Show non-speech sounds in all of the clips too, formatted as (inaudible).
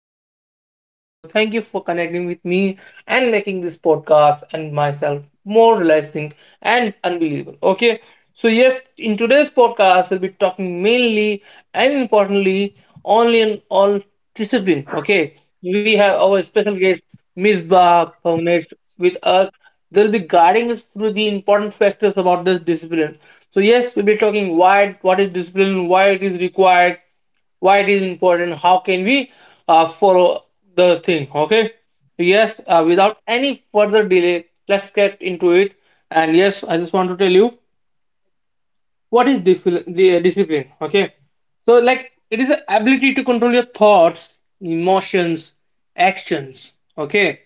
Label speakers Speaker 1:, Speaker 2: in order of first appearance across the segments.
Speaker 1: welcome all of you. Thank you for connecting with me and making this podcast and myself more relaxing and unbelievable. Okay, so yes, in today's podcast, we'll be talking mainly and importantly only and all discipline. Okay, we have our special guest Miss Ba Bhavnesh with us. They'll be guiding us through the important factors about this discipline. So yes, we'll be talking why, what is discipline, why it is required, why it is important, how can we follow the thing. Okay. So, yes, without any further delay, let's get into it. And yes, I just want to tell you what is the discipline. Okay, so, like, it is the ability to control your thoughts, emotions, actions. Okay,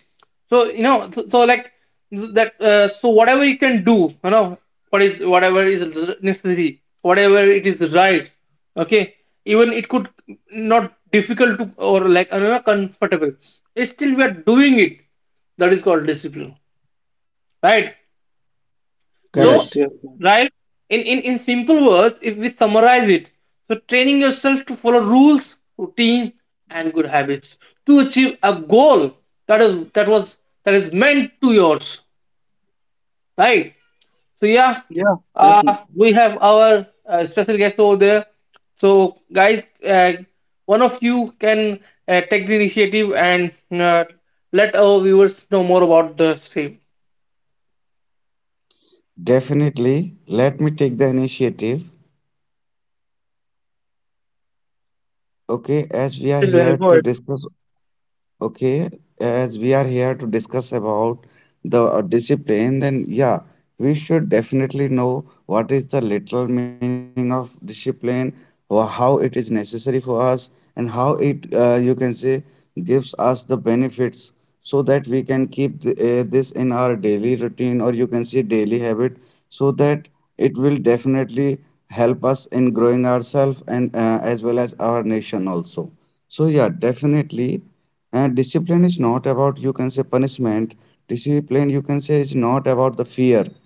Speaker 1: so like that, so whatever you can do, you know what is whatever is necessary, whatever it is, right. Okay, even it could not difficult to or, like, comfortable, still we are doing it, that is called discipline, right. So,
Speaker 2: Yes, yes,
Speaker 3: Correct.
Speaker 2: ma'am.
Speaker 1: right, in simple words, if we summarize it, so training yourself to follow rules, routine, and good habits to achieve a goal that is, that is meant to yours, right? So yeah,
Speaker 2: Yeah,
Speaker 1: uh,
Speaker 2: definitely.
Speaker 1: we have our special guest over there. So guys, one of you can take the initiative and let our viewers know more about the same.
Speaker 3: Definitely. Let me take the initiative. Okay, as
Speaker 1: Yes,
Speaker 3: we are
Speaker 1: very
Speaker 3: here
Speaker 1: good.
Speaker 3: to discuss Okay, as we are here to discuss about the discipline, then yeah, we should definitely know what is the literal meaning of discipline, or how it is necessary for us, and how it, you can say, gives us the benefits so that we can keep th this in our daily routine, or you can say daily habit, so that it will definitely help us in growing ourselves and, as well as our nation also. So yeah, definitely. And discipline is not about, you can say, punishment. Discipline, you can say, is not about the fear.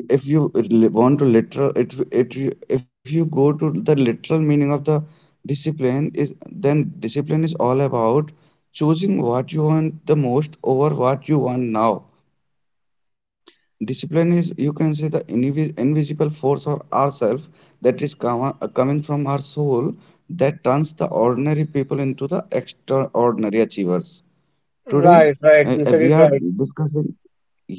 Speaker 3: If you want to literal, if you go to the literal meaning of the discipline, is then discipline is all about choosing what you want the most over what you want now. Discipline is, you can say, the invisible force or ourself that is coming from our soul that turns the ordinary people into the extraordinary achievers. Today,
Speaker 1: Right, right. You said it
Speaker 3: we
Speaker 1: right.
Speaker 3: are discussing,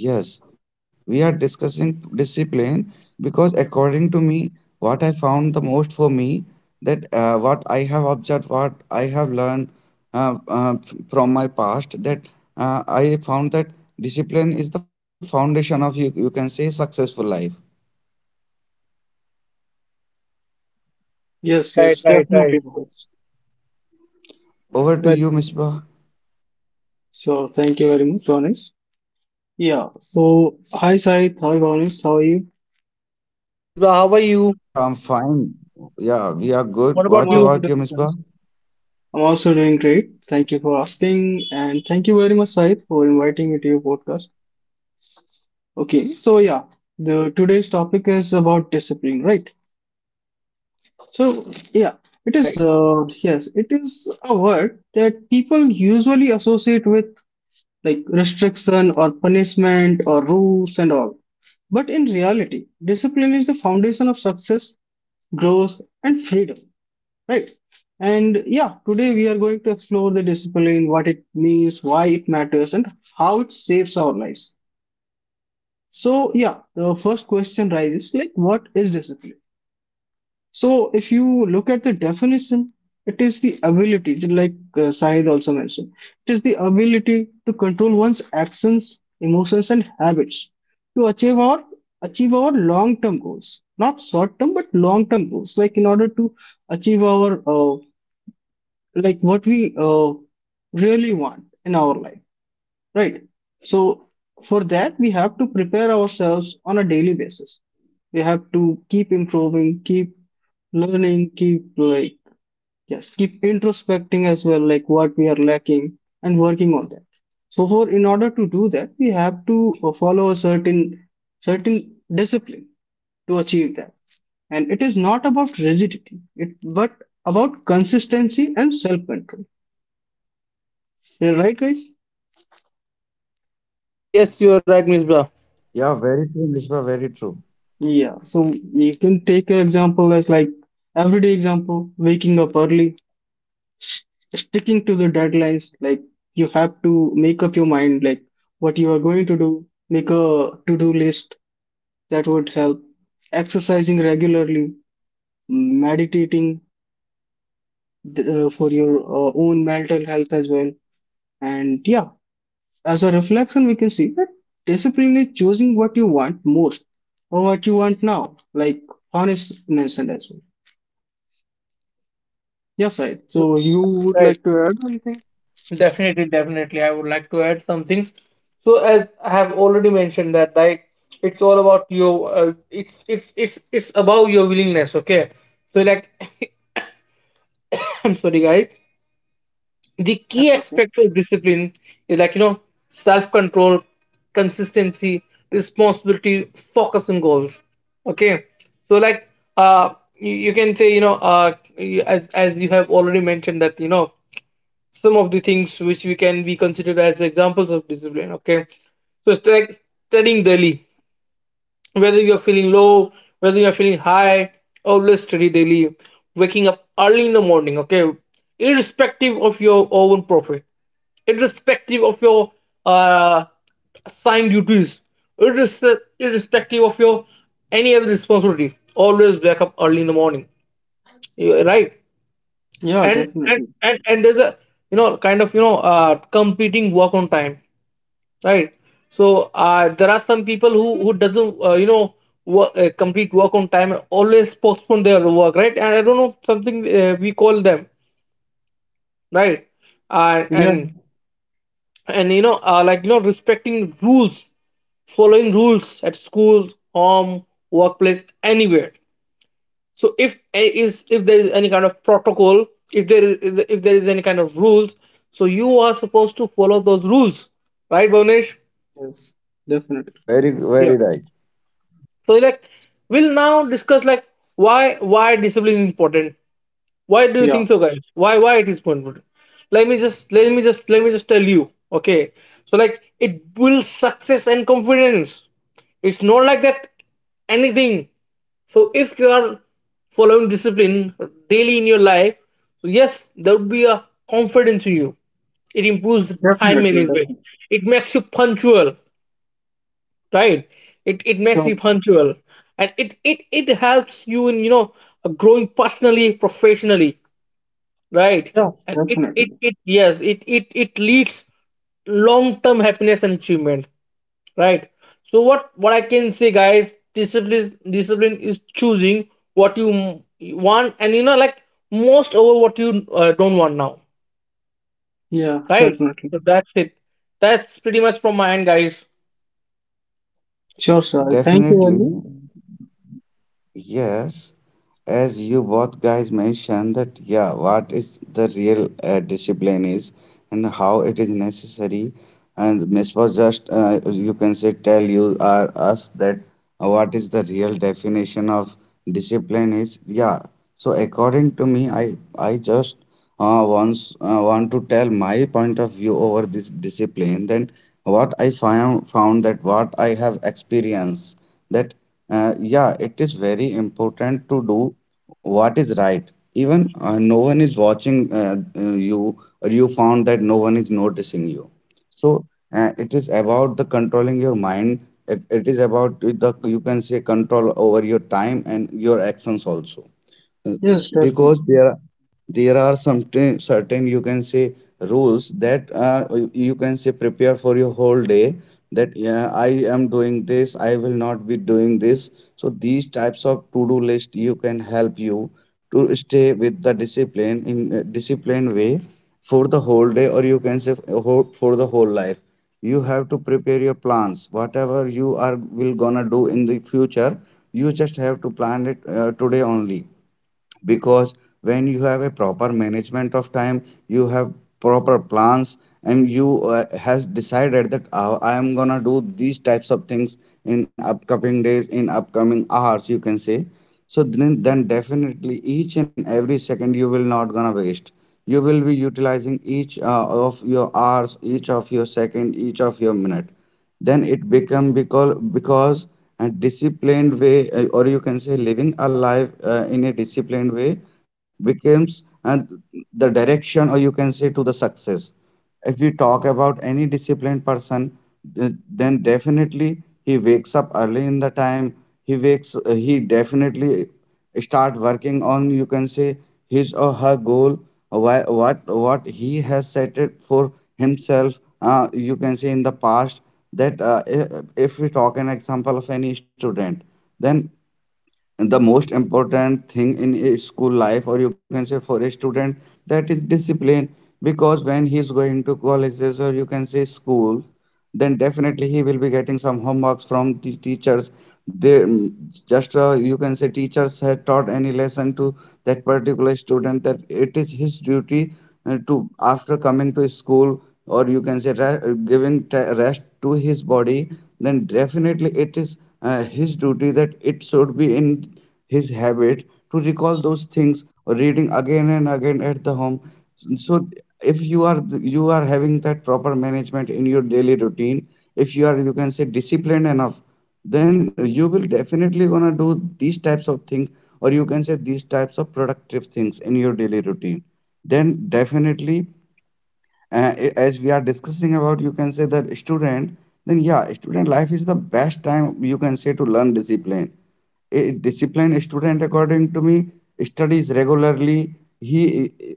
Speaker 3: yes, we are discussing discipline because, according to me, what I found the most for me that, what I have observed, what I have learned, from my past, that I found that discipline is the foundation of, you can say, successful life.
Speaker 1: Right,
Speaker 2: Yes,
Speaker 1: right,
Speaker 2: yes,
Speaker 1: right, right.
Speaker 2: definitely, Bhavesh.
Speaker 3: Over to
Speaker 2: Very
Speaker 3: you,
Speaker 2: well said.
Speaker 3: Misbah.
Speaker 2: So, thank you very much, Vanis. Yeah, so, hi, Sai. Hi, Vanis. How are you?
Speaker 1: Hello, Misbah. How are you?
Speaker 3: Yeah, I'm fine. Yeah, we are good.
Speaker 1: What about
Speaker 2: I'm
Speaker 3: What
Speaker 1: you?
Speaker 2: also
Speaker 3: about you,
Speaker 2: doing great.
Speaker 3: Misbah?
Speaker 2: I'm also doing great. Thank you for asking, and thank you very much, Said, for inviting me to your podcast. Okay, so yeah, the today's topic is about discipline, right? So yeah, it is.
Speaker 1: Right.
Speaker 2: Yes, it is a word that people usually associate with like restriction or punishment or rules and all. But in reality, discipline is the foundation of success, growth, and freedom, right? And yeah, today we are going to explore the discipline, what it means, why it matters, and how it shapes our lives. So, yeah, the first question rises like, what is discipline? So if you look at the definition, it is the ability, just like Sahid also mentioned, it is the ability to control one's actions, emotions, and habits to achieve our long-term goals, not short-term but long-term goals. Like in order to achieve our like what we really want in our life, right? So for that we have to prepare ourselves on a daily basis, we have to keep improving, keep learning, keep like yes, keep introspecting as well, like what we are lacking and working on that. So for in order to do that, we have to follow a certain discipline to achieve that. And it is not about rigidity, it but about consistency and self-control. Yeah, right, guys?
Speaker 1: Yes, yes, yes. You're right, Misbah.
Speaker 3: Yeah, very true, Misbah, very true.
Speaker 2: Yeah. So you can take an example as like everyday example, waking up early, s- sticking to the deadlines, like you have to make up your mind like what you are going to do, make a to-do list that would help, exercising regularly, meditating for your own mental health as well. And yeah, as a reflection we can see that discipline is choosing what you want most or what you want now, like honest mentioned as well. Yes, I, so you would
Speaker 1: Right.
Speaker 2: like to add anything.
Speaker 1: Definitely, definitely. I would like to add something. So, as I have already mentioned that, right, it's all about your. It's about your willingness. Okay. So, like, (coughs) I'm sorry, guys. The key
Speaker 2: That's okay.
Speaker 1: aspect of discipline is, like, self-control, consistency, responsibility, focus on goals. Okay, so, like, you can say, as you have already mentioned that, some of the things which we can be considered as examples of discipline. Okay, so it's like studying daily, whether you're feeling low, whether you're feeling high, always study daily. Waking up early in the morning, okay? Irrespective of your own profit, irrespective of your uh, assigned duties, irrespective of your any other responsibility, always wake up early in the morning. Right?
Speaker 2: Yeah,
Speaker 1: And and
Speaker 2: definitely.
Speaker 1: and, and there's a, kind of, completing work on time, right. So, there are some people who doesn't, work, complete work on time and always postpone their work, right. And I don't know something, we call them, right. uh,
Speaker 2: Yeah.
Speaker 1: and and like, respecting rules, following rules at school, home, workplace, anywhere. So if is if there is any kind of protocol, if there is any kind of rules, so you are supposed to follow those rules, right, Bhavnesh.
Speaker 2: Yes, definitely.
Speaker 3: Very, very right.
Speaker 1: So, like, we'll now discuss, like, why discipline is important. Why do you
Speaker 2: Yeah,
Speaker 1: think so, guys? Why it is important? Let me just let me just let me just tell you. Okay, so, like, it builds success and confidence. It's not like that anything. So if you are following discipline daily in your life, so yes, there would be a confidence in you. It improves time
Speaker 2: definitely,
Speaker 1: management.
Speaker 2: definitely.
Speaker 1: It makes you punctual, right. It makes
Speaker 2: Sure.
Speaker 1: you punctual. And it helps you in, growing personally, professionally, right.
Speaker 2: Yeah,
Speaker 1: And it
Speaker 2: definitely.
Speaker 1: it, it yes, it leads long term happiness and achievement, right. So what I can say, guys, discipline is choosing what you want, and, like, most, over what you, don't want now,
Speaker 2: Yeah,
Speaker 1: right.
Speaker 2: definitely.
Speaker 1: So that's it. That's pretty much from my end, guys.
Speaker 2: Sure, sir. Thank you
Speaker 3: Definitely.
Speaker 2: very much.
Speaker 3: Yes, as you both guys mentioned that yeah, what is the real discipline is and how it is necessary. And Miss was just, you can say, tell you or us that what is the real definition of discipline is. Yeah, so according to me, I just once want to tell my point of view over this discipline. Then what I found that what I have experienced that, yeah, it is very important to do what is right. Even no one is watching you, or you found that no one is noticing you. So it is about the controlling your mind. It is about the, you can say, control over your time and your actions also. Uh,
Speaker 2: Yes, definitely.
Speaker 3: because there are some certain, you can say, rules that, you, you can say, prepare for your whole day, that yeah, I am doing this, I will not be doing this. So these types of to do list, you can help you to stay with the discipline in a disciplined way for the whole day, or you can say for the whole life. You have to prepare your plans, whatever you are will gonna do in the future. You just have to plan it today only, because when you have a proper management of time, you have proper plans, and you has decided that, I am gonna do these types of things in upcoming days, in upcoming hours, you can say. So then definitely each and every second you will not gonna waste. You will be utilizing each of your hours, each of your second, each of your minute, then it become because a disciplined way, or you can say, living a life in a disciplined way becomes the direction, or you can say, to the success. If we talk about any disciplined person, then definitely he wakes up early in the time. He wakes uh, he definitely start working on, you can say, his or her goal, why, what he has set it for himself, you can say, in the past, that if we talk an example of any student, then the most important thing in a school life, or you can say for a student, that is discipline. Because when he is going to colleges, or you can say school, then definitely he will be getting some homeworks from the teachers. They just, you can say, teachers have taught any lesson to that particular student, that it is his duty to, after coming to school, or you can say giving rest to his body, then definitely it is his duty that it should be in his habit to recall those things, reading again and again at the home. So if you are having that proper management in your daily routine, if you are, you can say, disciplined enough, then you will definitely gonna do these types of things, or you can say these types of productive things in your daily routine. Then definitely, as we are discussing about, you can say, that student, then yeah, student life is the best time, you can say, to learn discipline. A disciplined student, according to me, studies regularly. he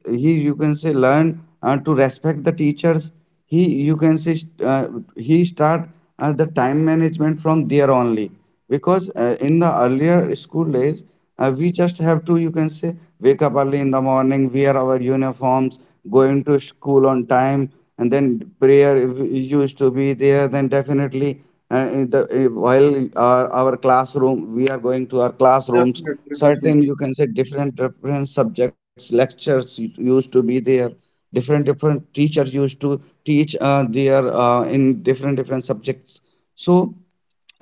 Speaker 3: he you can say learn to respect the teachers. He, you can say he start the time management from there only, because in the earlier school days, we just have to, you can say, wake up early in the morning, wear our uniforms, going to school on time, and then prayer if we used to be there. Then definitely, in the, while our classroom, we are going to our classrooms.
Speaker 2: Definitely,
Speaker 3: Certain,
Speaker 2: definitely.
Speaker 3: you can say, different different subjects, lectures used to be there. Different different teachers used to teach their in different different subjects. So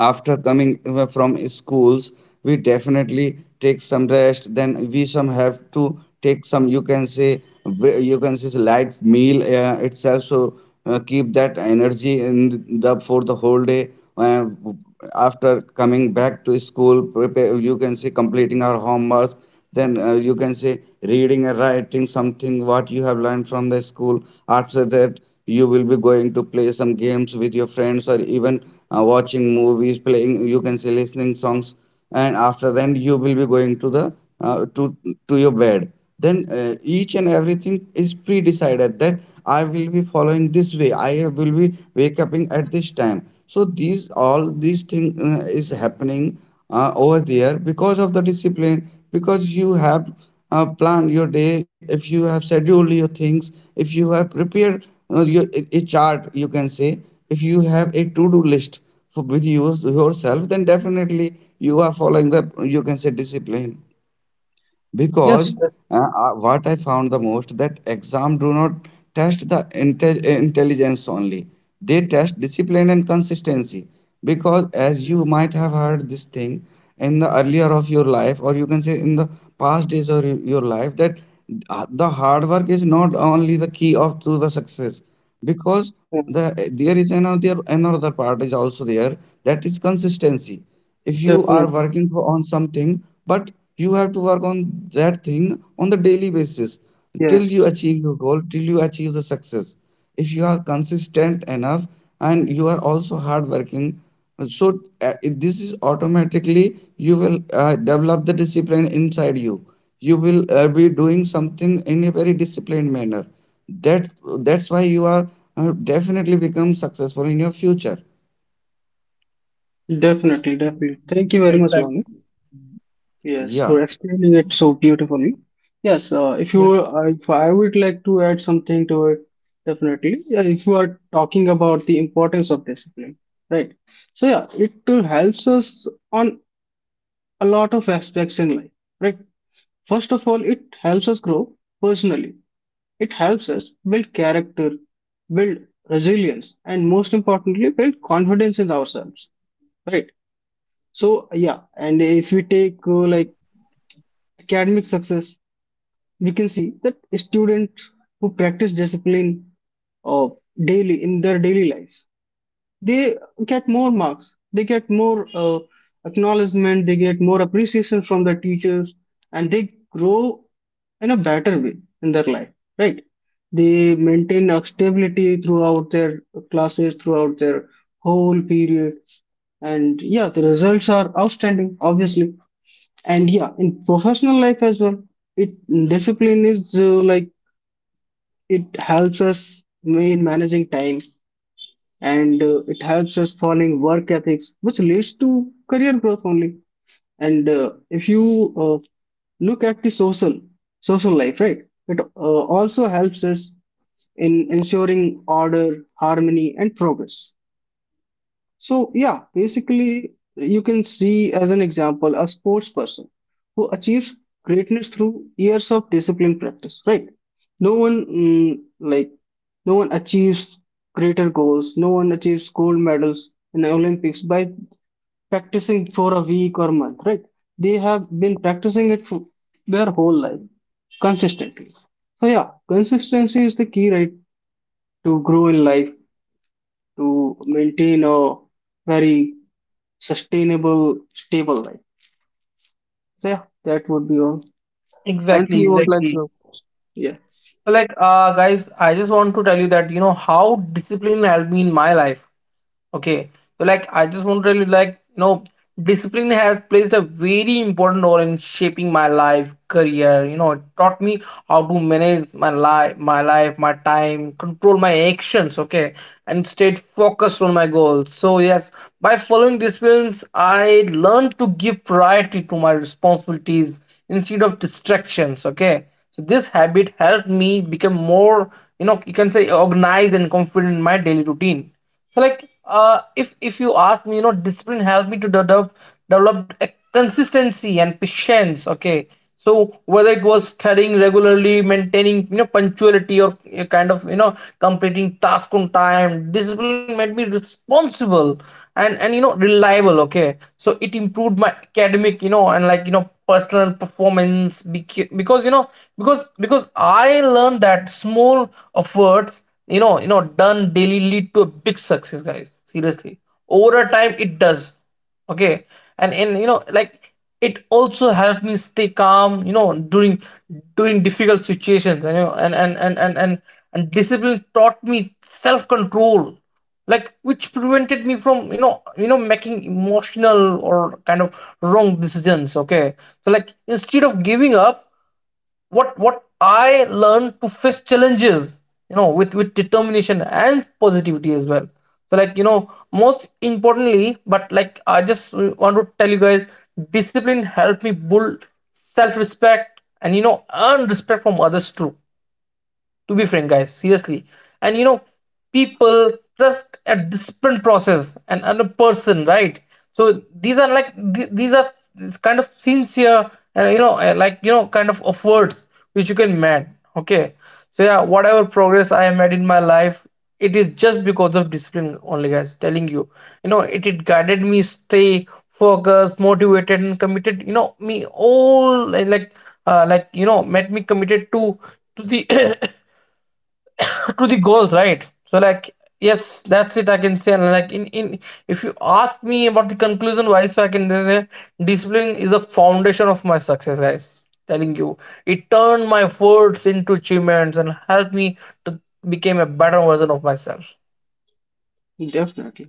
Speaker 3: after coming from schools, we definitely take some rest, then we some have to take some, you can say you can say, light meal itself, so keep that energy in the for the whole day. uh, After coming back to school, prepare, you can say, completing our homework, then, you can say, reading and writing something what you have learned from the school. After that, you will be going to play some games with your friends, or even watching movies, playing, you can say, listening songs. And after then, you will be going to the uh, to to your bed. Then each and everything is pre-decided, that I will be following this way, I will be wake up at this time. So these all these thing is happening over there because of the discipline, because you have planned your day, if you have scheduled your things, if you have prepared your a chart, you can say, if you have a to-do list for, with you yourself, then definitely you are following the, you can say, discipline.
Speaker 2: Yes,
Speaker 3: Because what I found the most, that exam do not test the intelligence only, they test discipline and consistency. Because as
Speaker 2: definitely.
Speaker 3: you might have heard this thing in the earlier of your life, or you can say in the past days of your life, that the hard work is not only the key of to the success, because the
Speaker 2: Um,
Speaker 3: there is another part is also there, that is consistency. If you are
Speaker 2: definitely.
Speaker 3: working for, on something, but you have to work on that thing on the daily basis till you
Speaker 2: Yes,
Speaker 3: achieve your goal, till you achieve the success. If you are consistent enough, and you are also hardworking, so this is automatically you will develop the discipline inside you. You will be doing something in a very disciplined manner, that that's why you are definitely become successful in your future.
Speaker 2: definitely, definitely. Thank
Speaker 1: Right,
Speaker 2: you very
Speaker 1: right,
Speaker 2: much,
Speaker 1: right,
Speaker 2: Vamit. Yes,
Speaker 3: Yeah.
Speaker 2: for explaining it so beautifully. Yes,
Speaker 1: yeah,
Speaker 2: if I would like to add something to it, definitely. Yeah, if you are talking about the importance of discipline, right? So yeah, it helps us on a lot of aspects in life, right? First of all, it helps us grow personally. It helps us build character, build resilience, and most importantly, build confidence in ourselves, right? So, yeah, and if we take like academic success, we can see that students who practice discipline uh, daily in their daily lives, they get more marks, they get more acknowledgement, they get more appreciation from the teachers, and they grow in a better way in their life, right? They maintain a stability throughout their classes, throughout their whole period, and yeah, the results are outstanding obviously. And yeah, in professional life as well, it discipline is like it helps us in managing time, and it helps us following work ethics, which leads to career growth only. And if you look at the social life, right, it also helps us in ensuring order, harmony, and progress. So, yeah, basically, you can see as an example a sports person who achieves greatness through years of disciplined practice, right? No one, no one achieves greater goals, no one achieves gold medals in the Olympics by practicing for a week or month, right? They have been practicing it for their whole life consistently. So, yeah, consistency is the key, right, to grow in life, to maintain a very sustainable, stable life. So yeah, that would be all. Anything
Speaker 1: exactly,
Speaker 2: you would like
Speaker 1: exactly,
Speaker 2: to? Yeah,
Speaker 1: So, like, guys, I just want to tell you that, how discipline helped me in my life. Okay, so, like, I just want to tell you, like, discipline has played a very important role in shaping my life, career. You know, it taught me how to manage my life, my time, control my actions. Okay, and stayed focused on my goals. So yes, by following disciplines, I learned to give priority to my responsibilities instead of distractions. Okay, so this habit helped me become more, you can say, organized and confident in my daily routine. So, like, if you ask me, discipline helped me to develop a consistency and patience. Okay, so whether it was studying regularly, maintaining, punctuality, or a kind of, completing task on time, discipline made me responsible, and reliable. Okay, so it improved my academic, and, like, personal performance, because you know because I learned that small efforts, done daily, lead to a big success, guys, seriously, over a time it does. Okay, and in, like, it also helped me stay calm, during difficult situations. And, and discipline taught me self-control, like, which prevented me from, making emotional or kind of wrong decisions. Okay, so, like, instead of giving up, what I learned to face challenges, with determination and positivity as well. So, like, most importantly, but, like, I just want to tell you guys, discipline helped me build self respect, and, earn respect from others too, to be frank, guys, seriously. And, people trust a disciplined process, and a person, right. So these are, like, these are, kind of sincere, and, like, kind of efforts which you can make. Okay, so yeah, whatever progress I have made in my life, it is just because of discipline only, guys, telling you. You know It guided me stay focused, motivated, and committed, me all, like, like, made me committed to the (clears throat) to the goals, right? So, like, yes, that's it, I can say. And, like, in, if you ask me about the conclusion why, so I can say discipline is the foundation of my success, guys. Telling you, it turned my words into achievements and helped me to become a better version of myself.
Speaker 2: definitely,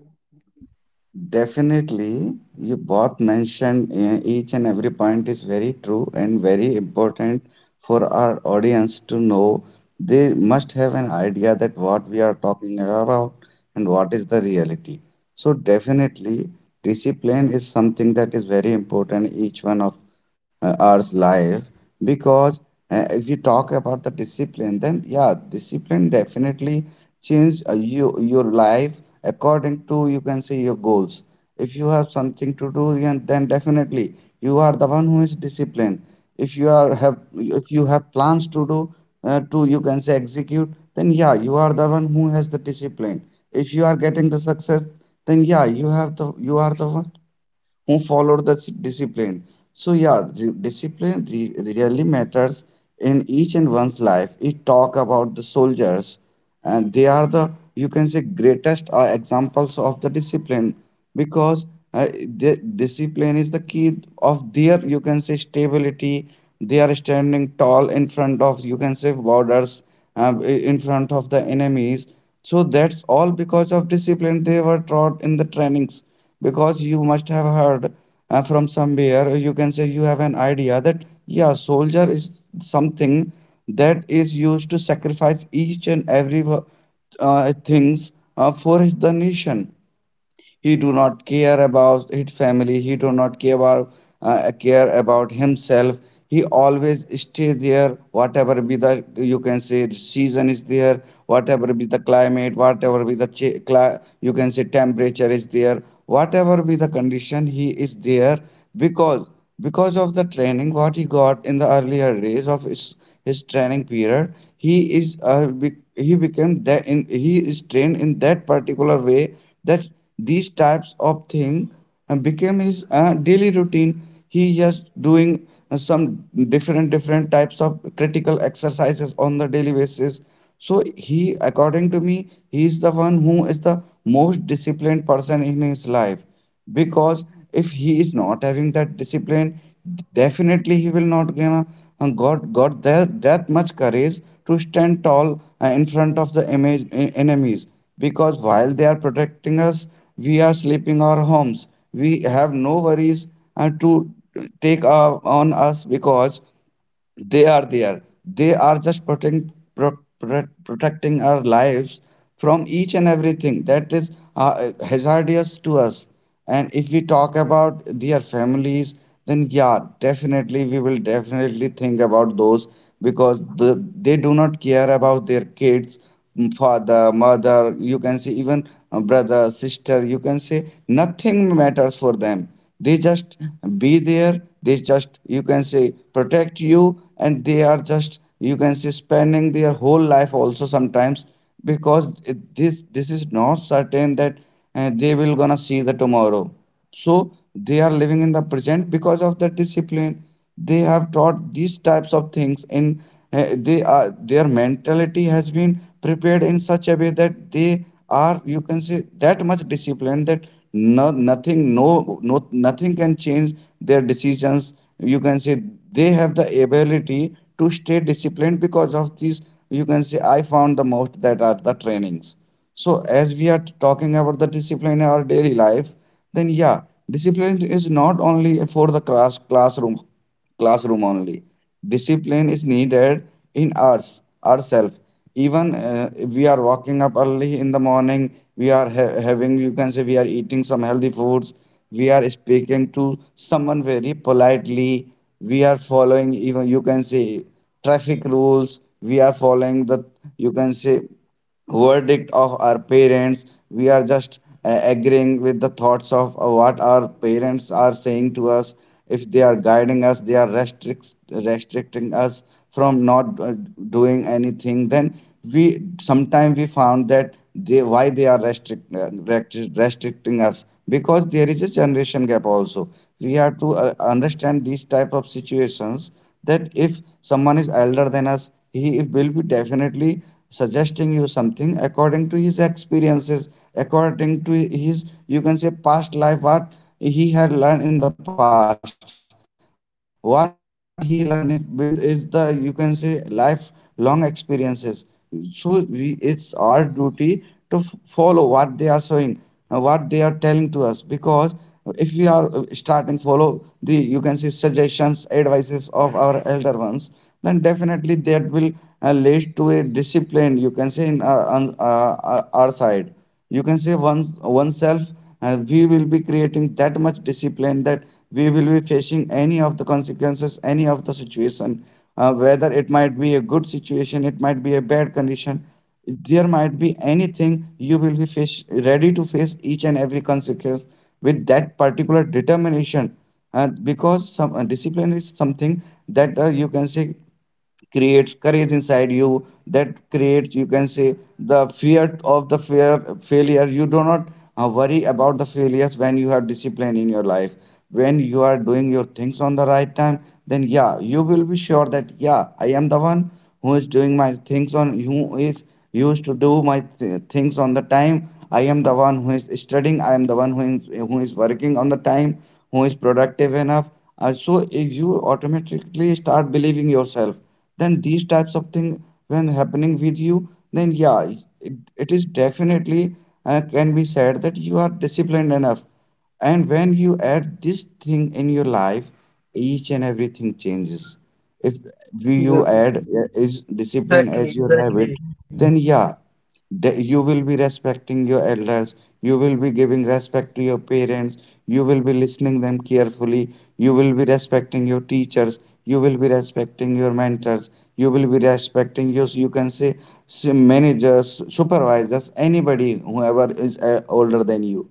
Speaker 3: Definitely, you both mentioned, eh, each and every point is very true and very important for our audience to know. They must have an idea that what we are talking about and what is the reality. So, definitely, discipline is something that is very important in each one of our life, because if you talk about the discipline, then yeah, discipline definitely change your life according to, you can say, your goals. If you have something to do, then definitely you are the one who is disciplined. If you are have if you have plans to do to you can say execute, then yeah, you are the one who has the discipline. If you are getting the success, then yeah, you are the one who follow the discipline. So yeah, discipline really matters in each and one's life. It talk about the soldiers, and they are the, you can say, greatest examples of the discipline, because the discipline is the key of their, you can say, stability. They are standing tall in front of, you can say, borders, in front of the enemies. So that's all because of discipline they were taught in the trainings because you must have heard from somewhere you can say you have an idea that yeah soldier is something that is used to sacrifice each and every things for the nation. He do not care about his family, he do not care about himself. He always stay there whatever be the you can say season is there, whatever be the climate, whatever be the you can say temperature is there, whatever be the condition he is there because because of the training what he got in the earlier days of his training period he is he became that in he is trained in that particular way that these types of thing became his daily routine. He just doing some different types of critical exercises on the daily basis. So he, according to me, he is the one who is the most disciplined person in his life because if he is not having that discipline, definitely he will not gonna got that much courage to stand tall in front of enemies. Because while they are protecting us, we are sleeping our homes, we have no worries to take on us because they are there, they are just protecting our lives from each and everything that is hazardous to us. And if we talk about their families, then yeah, definitely we will definitely think about those because the, they do not care about their kids, father mother you can say, even brother sister you can say, nothing matters for them. They just be there, they just you can say protect you, and they are just you can say spending their whole life also sometimes because this is not certain that they will gonna see the tomorrow. So they are living in the present because of the discipline. They have taught these types of things in they are their mentality has been prepared in such a way that they are you can say that much disciplined that no, nothing no, no nothing can change their decisions you can say. They have the ability to stay disciplined because of these, you can say, I found the most, that are the trainings. So as we are talking about the discipline in our daily life, then yeah, discipline is not only for the classroom, classroom only. Discipline is needed in us ourselves. Even we are waking up early in the morning, we are having, you can say, we are eating some healthy foods, we are speaking to someone very politely, we are following even you can say traffic rules, we are following the you can say verdict of our parents. We are just agreeing with the thoughts of what our parents are saying to us. If they are guiding us, they are restricting us from not doing anything, then we sometimes we found that they why they are restricting us because there is a generation gap also. We have to understand these type of situations that if someone is elder than us, he will be definitely suggesting you something according to his experiences, according to his, you can say, past life, what he had learned in the past. What he learned with is the, you can say, lifelong experiences. So we, it's our duty to follow what they are showing, what they are telling to us, because if we are starting follow the you can say suggestions advices of our elder ones, then definitely that will leads to a discipline you can say in our, our side, you can say one oneself. We will be creating that much discipline that we will be facing any of the consequences, any of the situation, whether it might be a good situation, it might be a bad condition, there might be anything, you will be ready to face each and every consequence with that particular determination because some discipline is something that, you can say, creates courage inside you, that creates you can say the fear of the fear failure. You do not worry about the failures when you have discipline in your life. When you are doing your things on the right time, then yeah, you will be sure that yeah, I am the one who is doing my things on, who is used to do my things on the time. I am the one who is studying, I am the one who is working on the time, who is productive enough. So if you automatically start believing yourself, then these types of thing when happening with you, then yeah, it is definitely can be said that you are disciplined enough. And when you add this thing in your life, each and everything changes. If you add
Speaker 2: definitely.
Speaker 3: is discipline
Speaker 1: Exactly,
Speaker 3: as your habit,
Speaker 1: exactly,
Speaker 3: then yeah, that you will be respecting your elders, you will be giving respect to your parents, you will be listening them carefully, you will be respecting your teachers, you will be respecting your mentors, you will be respecting your, you can say, s- managers, supervisors, anybody whoever is older than you.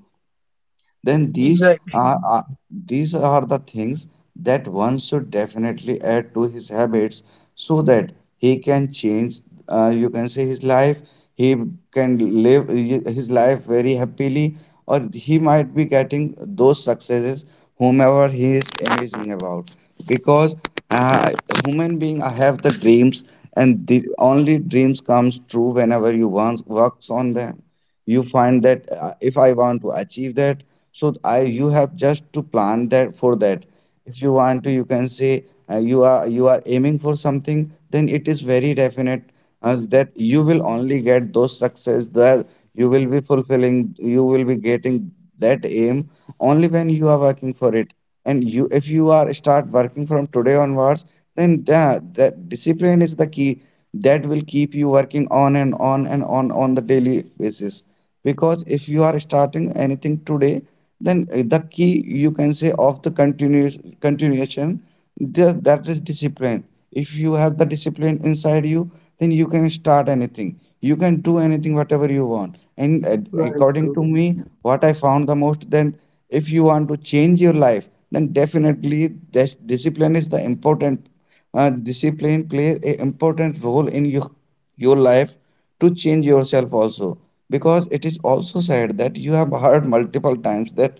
Speaker 3: Then
Speaker 1: exactly.
Speaker 3: these are the things that one should definitely add to his habits so that he can change, you can say, his life. He can live his life very happily, or he might be getting those successes whomever he is imagining about because uh, human being have the dreams, and the only dreams comes true whenever you once works on them. You find that if I want to achieve that, so I you have just to plan that for that. If you want to you can say you are aiming for something, then it is very definite that you will only get those success that you will be fulfilling, you will be getting that aim only when you are working for it. And you, if you are start working from today onwards, then that discipline is the key that will keep you working on and on and on on the daily basis. Because if you are starting anything today, then the key you can say of the continuous continuation, that is discipline. If you have the discipline inside you, then you can start anything, you can do anything whatever you want. And
Speaker 2: Very
Speaker 3: according
Speaker 2: good.
Speaker 3: to me, what I found the most, then if you want to change your life, then definitely this discipline is the important. Discipline plays a important role in your life, to change yourself also, because it is also said that you have heard multiple times that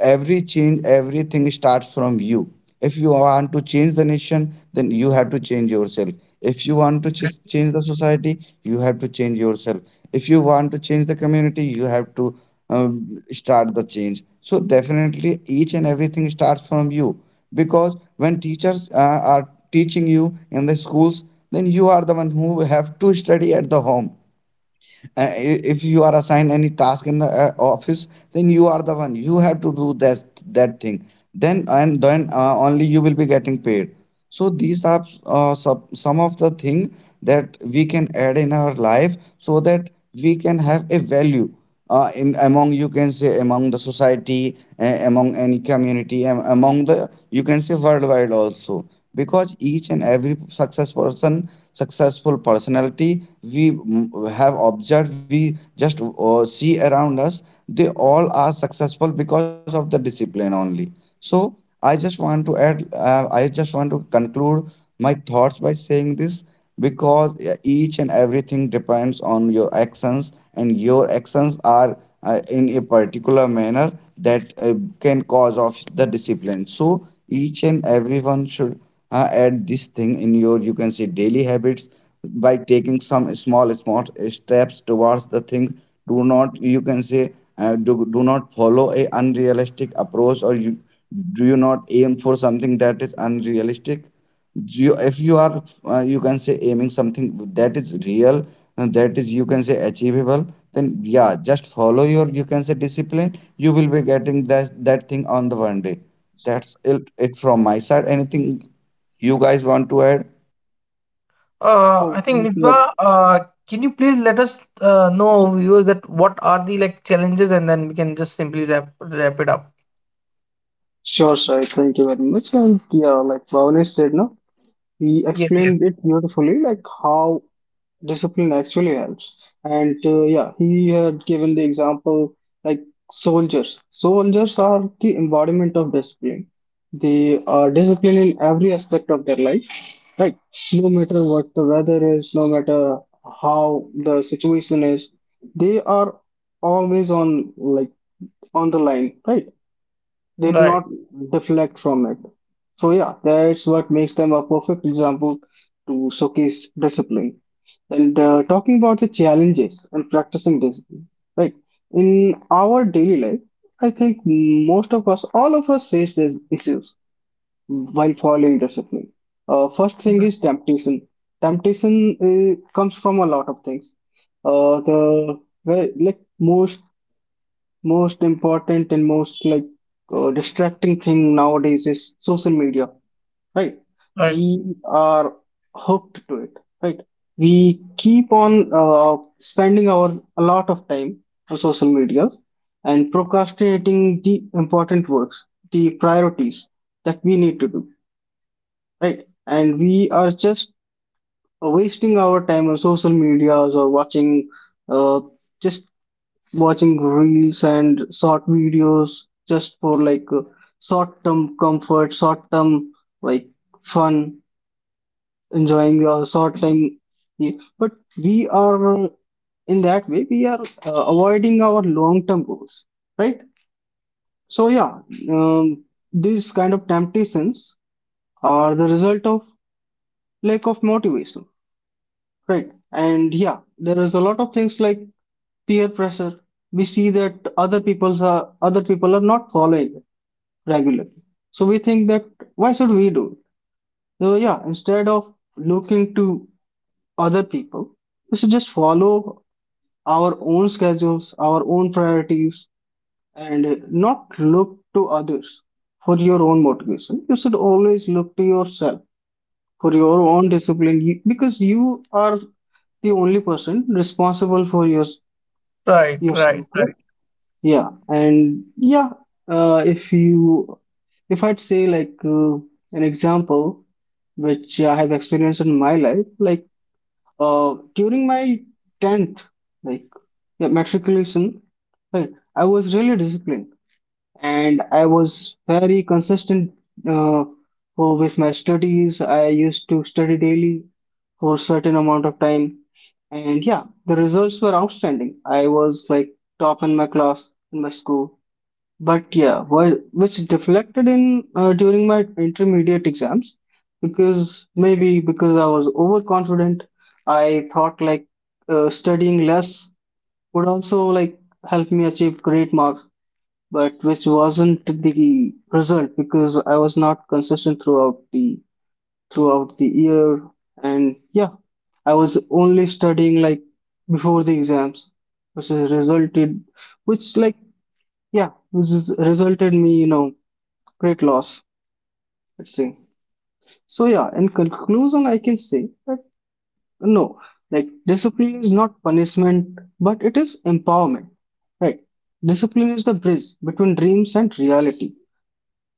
Speaker 3: every change, everything starts from you. If you want to change the nation, then you have to change yourself. If you want to change the society, you have to change yourself. If you want to change the community, you have to start the change. So definitely each and everything starts from you because when teachers are teaching you in the schools, then you are the one who have to study at the home. If you are assigned any task in the office, then you are the one. You have to do that that thing. Then and then only you will be getting paid. So these are some of the thing that we can add in our life so that we can have a value in among you can say among the society, among any community, among the you can say worldwide also. Because each and every success person, successful personality we, have observed, we just see around us, they all are successful because of the discipline only. So I just want to add, I just want to conclude my thoughts by saying this because each and everything depends on your actions, and your actions are in a particular manner that can cause of the discipline. So each and everyone should add this thing in your, you can say, daily habits by taking some small steps towards the thing. Do not you can say do not follow a unrealistic approach, or you do you not aim for something that is unrealistic. You, if you are you can say aiming something that is real and that is you can say achievable, then yeah, just follow your you can say discipline, you will be getting that that thing on the one day. That's it from my side. Anything you guys want to add?
Speaker 2: Oh,
Speaker 1: I think
Speaker 2: thank you. very-
Speaker 1: Misbah, can you please let us, know viewers that what are the, like, challenges, and then we can just simply wrap it up.
Speaker 2: Sure, sir. Thank you very much. And yeah, like Bhavnesh said, no, he
Speaker 1: Yes, yes,
Speaker 2: explained it beautifully, like how discipline actually helps. And yeah, he had given the example like soldiers. Soldiers are the embodiment of discipline. They are disciplined in every aspect of their life. Right. No matter what the weather is, no matter how the situation is, they are always on like on the line, right? They do
Speaker 1: right,
Speaker 2: not deflect from it. So yeah, that's what makes them a perfect example to showcase discipline. And talking about the challenges and practicing discipline, right? In our daily life, I think most of us, all of us face these issues while following discipline. First thing is temptation. Temptation comes from a lot of things. The Well, like most important and most like distracting thing nowadays is social media, right?
Speaker 1: right.
Speaker 2: We are hooked to it, right? We keep on spending our a lot of time on social media and procrastinating the important works, the priorities that we need to do, right? And we are just wasting our time on social medias or watching, uh, just watching reels and short videos just for like short-term comfort, short-term like fun, enjoying your short time. Yeah. But we are, in that way we are avoiding our long-term goals, right? So yeah, um, these kind of temptations are the result of lack of motivation. Right. And yeah, there is a lot of things like peer pressure. We see that other people are not following it regularly. So we think that why should we do it? So yeah, instead of looking to other people, we should just follow our own schedules, our own priorities, and not look to others for your own motivation. You should always look to yourself for your own discipline because you are the only person responsible for your
Speaker 1: Right, right,
Speaker 2: yourself,
Speaker 1: right,
Speaker 2: right? Yeah, and yeah, uh, if you, if I'd say like an example which I have experienced in my life, like during my 10th, like yeah, matriculation, right? I was really disciplined and I was very consistent uh, with my studies. I used to study daily for certain amount of time, and yeah, the results were outstanding. I was like top in my class, in my school. But yeah, which deflected in during my intermediate exams because maybe because I was overconfident, I thought like studying less would also like help me achieve great marks, but which wasn't the result because I was not consistent throughout the year. And yeah, I was only studying like before the exams, which has resulted, which like yeah, which has resulted me, you know, great loss. Let's say. So yeah, in conclusion, I can say that no, like discipline is not punishment, but it is empowerment. Right? Discipline is the bridge between dreams and reality.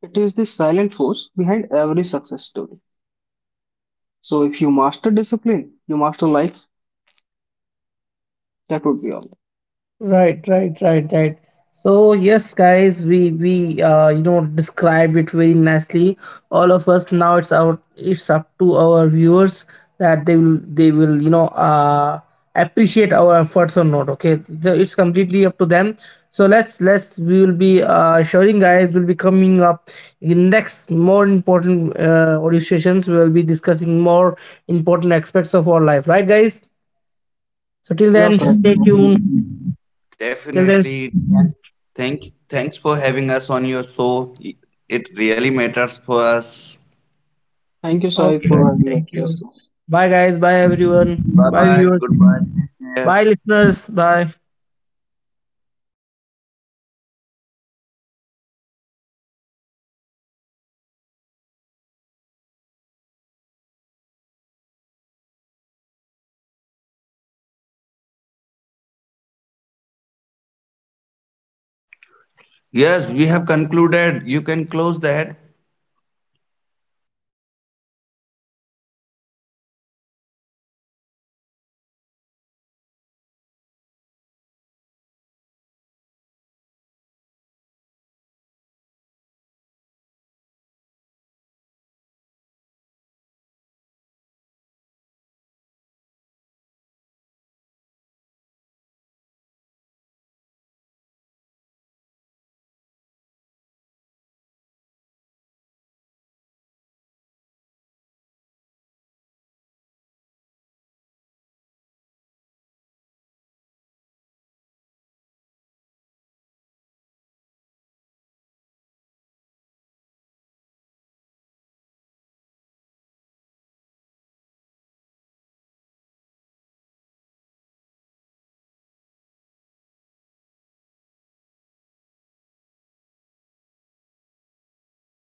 Speaker 2: It is the silent force behind every success story. So if you master discipline, you master life. That would be all.
Speaker 1: right, right, right, right. So yes, guys, we described it very nicely. All of us now, it's our, it's up to our viewers that they will appreciate our efforts or not. Okay. It's completely up to them. So, let's we will be, sharing, guys, will be coming up in next more important, audio sessions. We will be discussing more important aspects of our life. Right, guys. So till
Speaker 2: Yeah,
Speaker 1: then,
Speaker 2: Sahil.
Speaker 1: stay tuned.
Speaker 3: Definitely,
Speaker 1: Till then,
Speaker 3: definitely, thank thanks for having us on your show, it really matters for us.
Speaker 2: Thank you, Sahil,
Speaker 1: okay, guys.
Speaker 2: for having
Speaker 1: Thank
Speaker 2: us.
Speaker 1: you.
Speaker 2: Yes.
Speaker 1: Bye, guys. Bye, everyone.
Speaker 3: Bye
Speaker 1: Bye,
Speaker 3: bye,
Speaker 1: viewers.
Speaker 3: goodbye. Yeah.
Speaker 1: Bye, listeners. Bye.
Speaker 3: Yes, we have concluded, you can close that.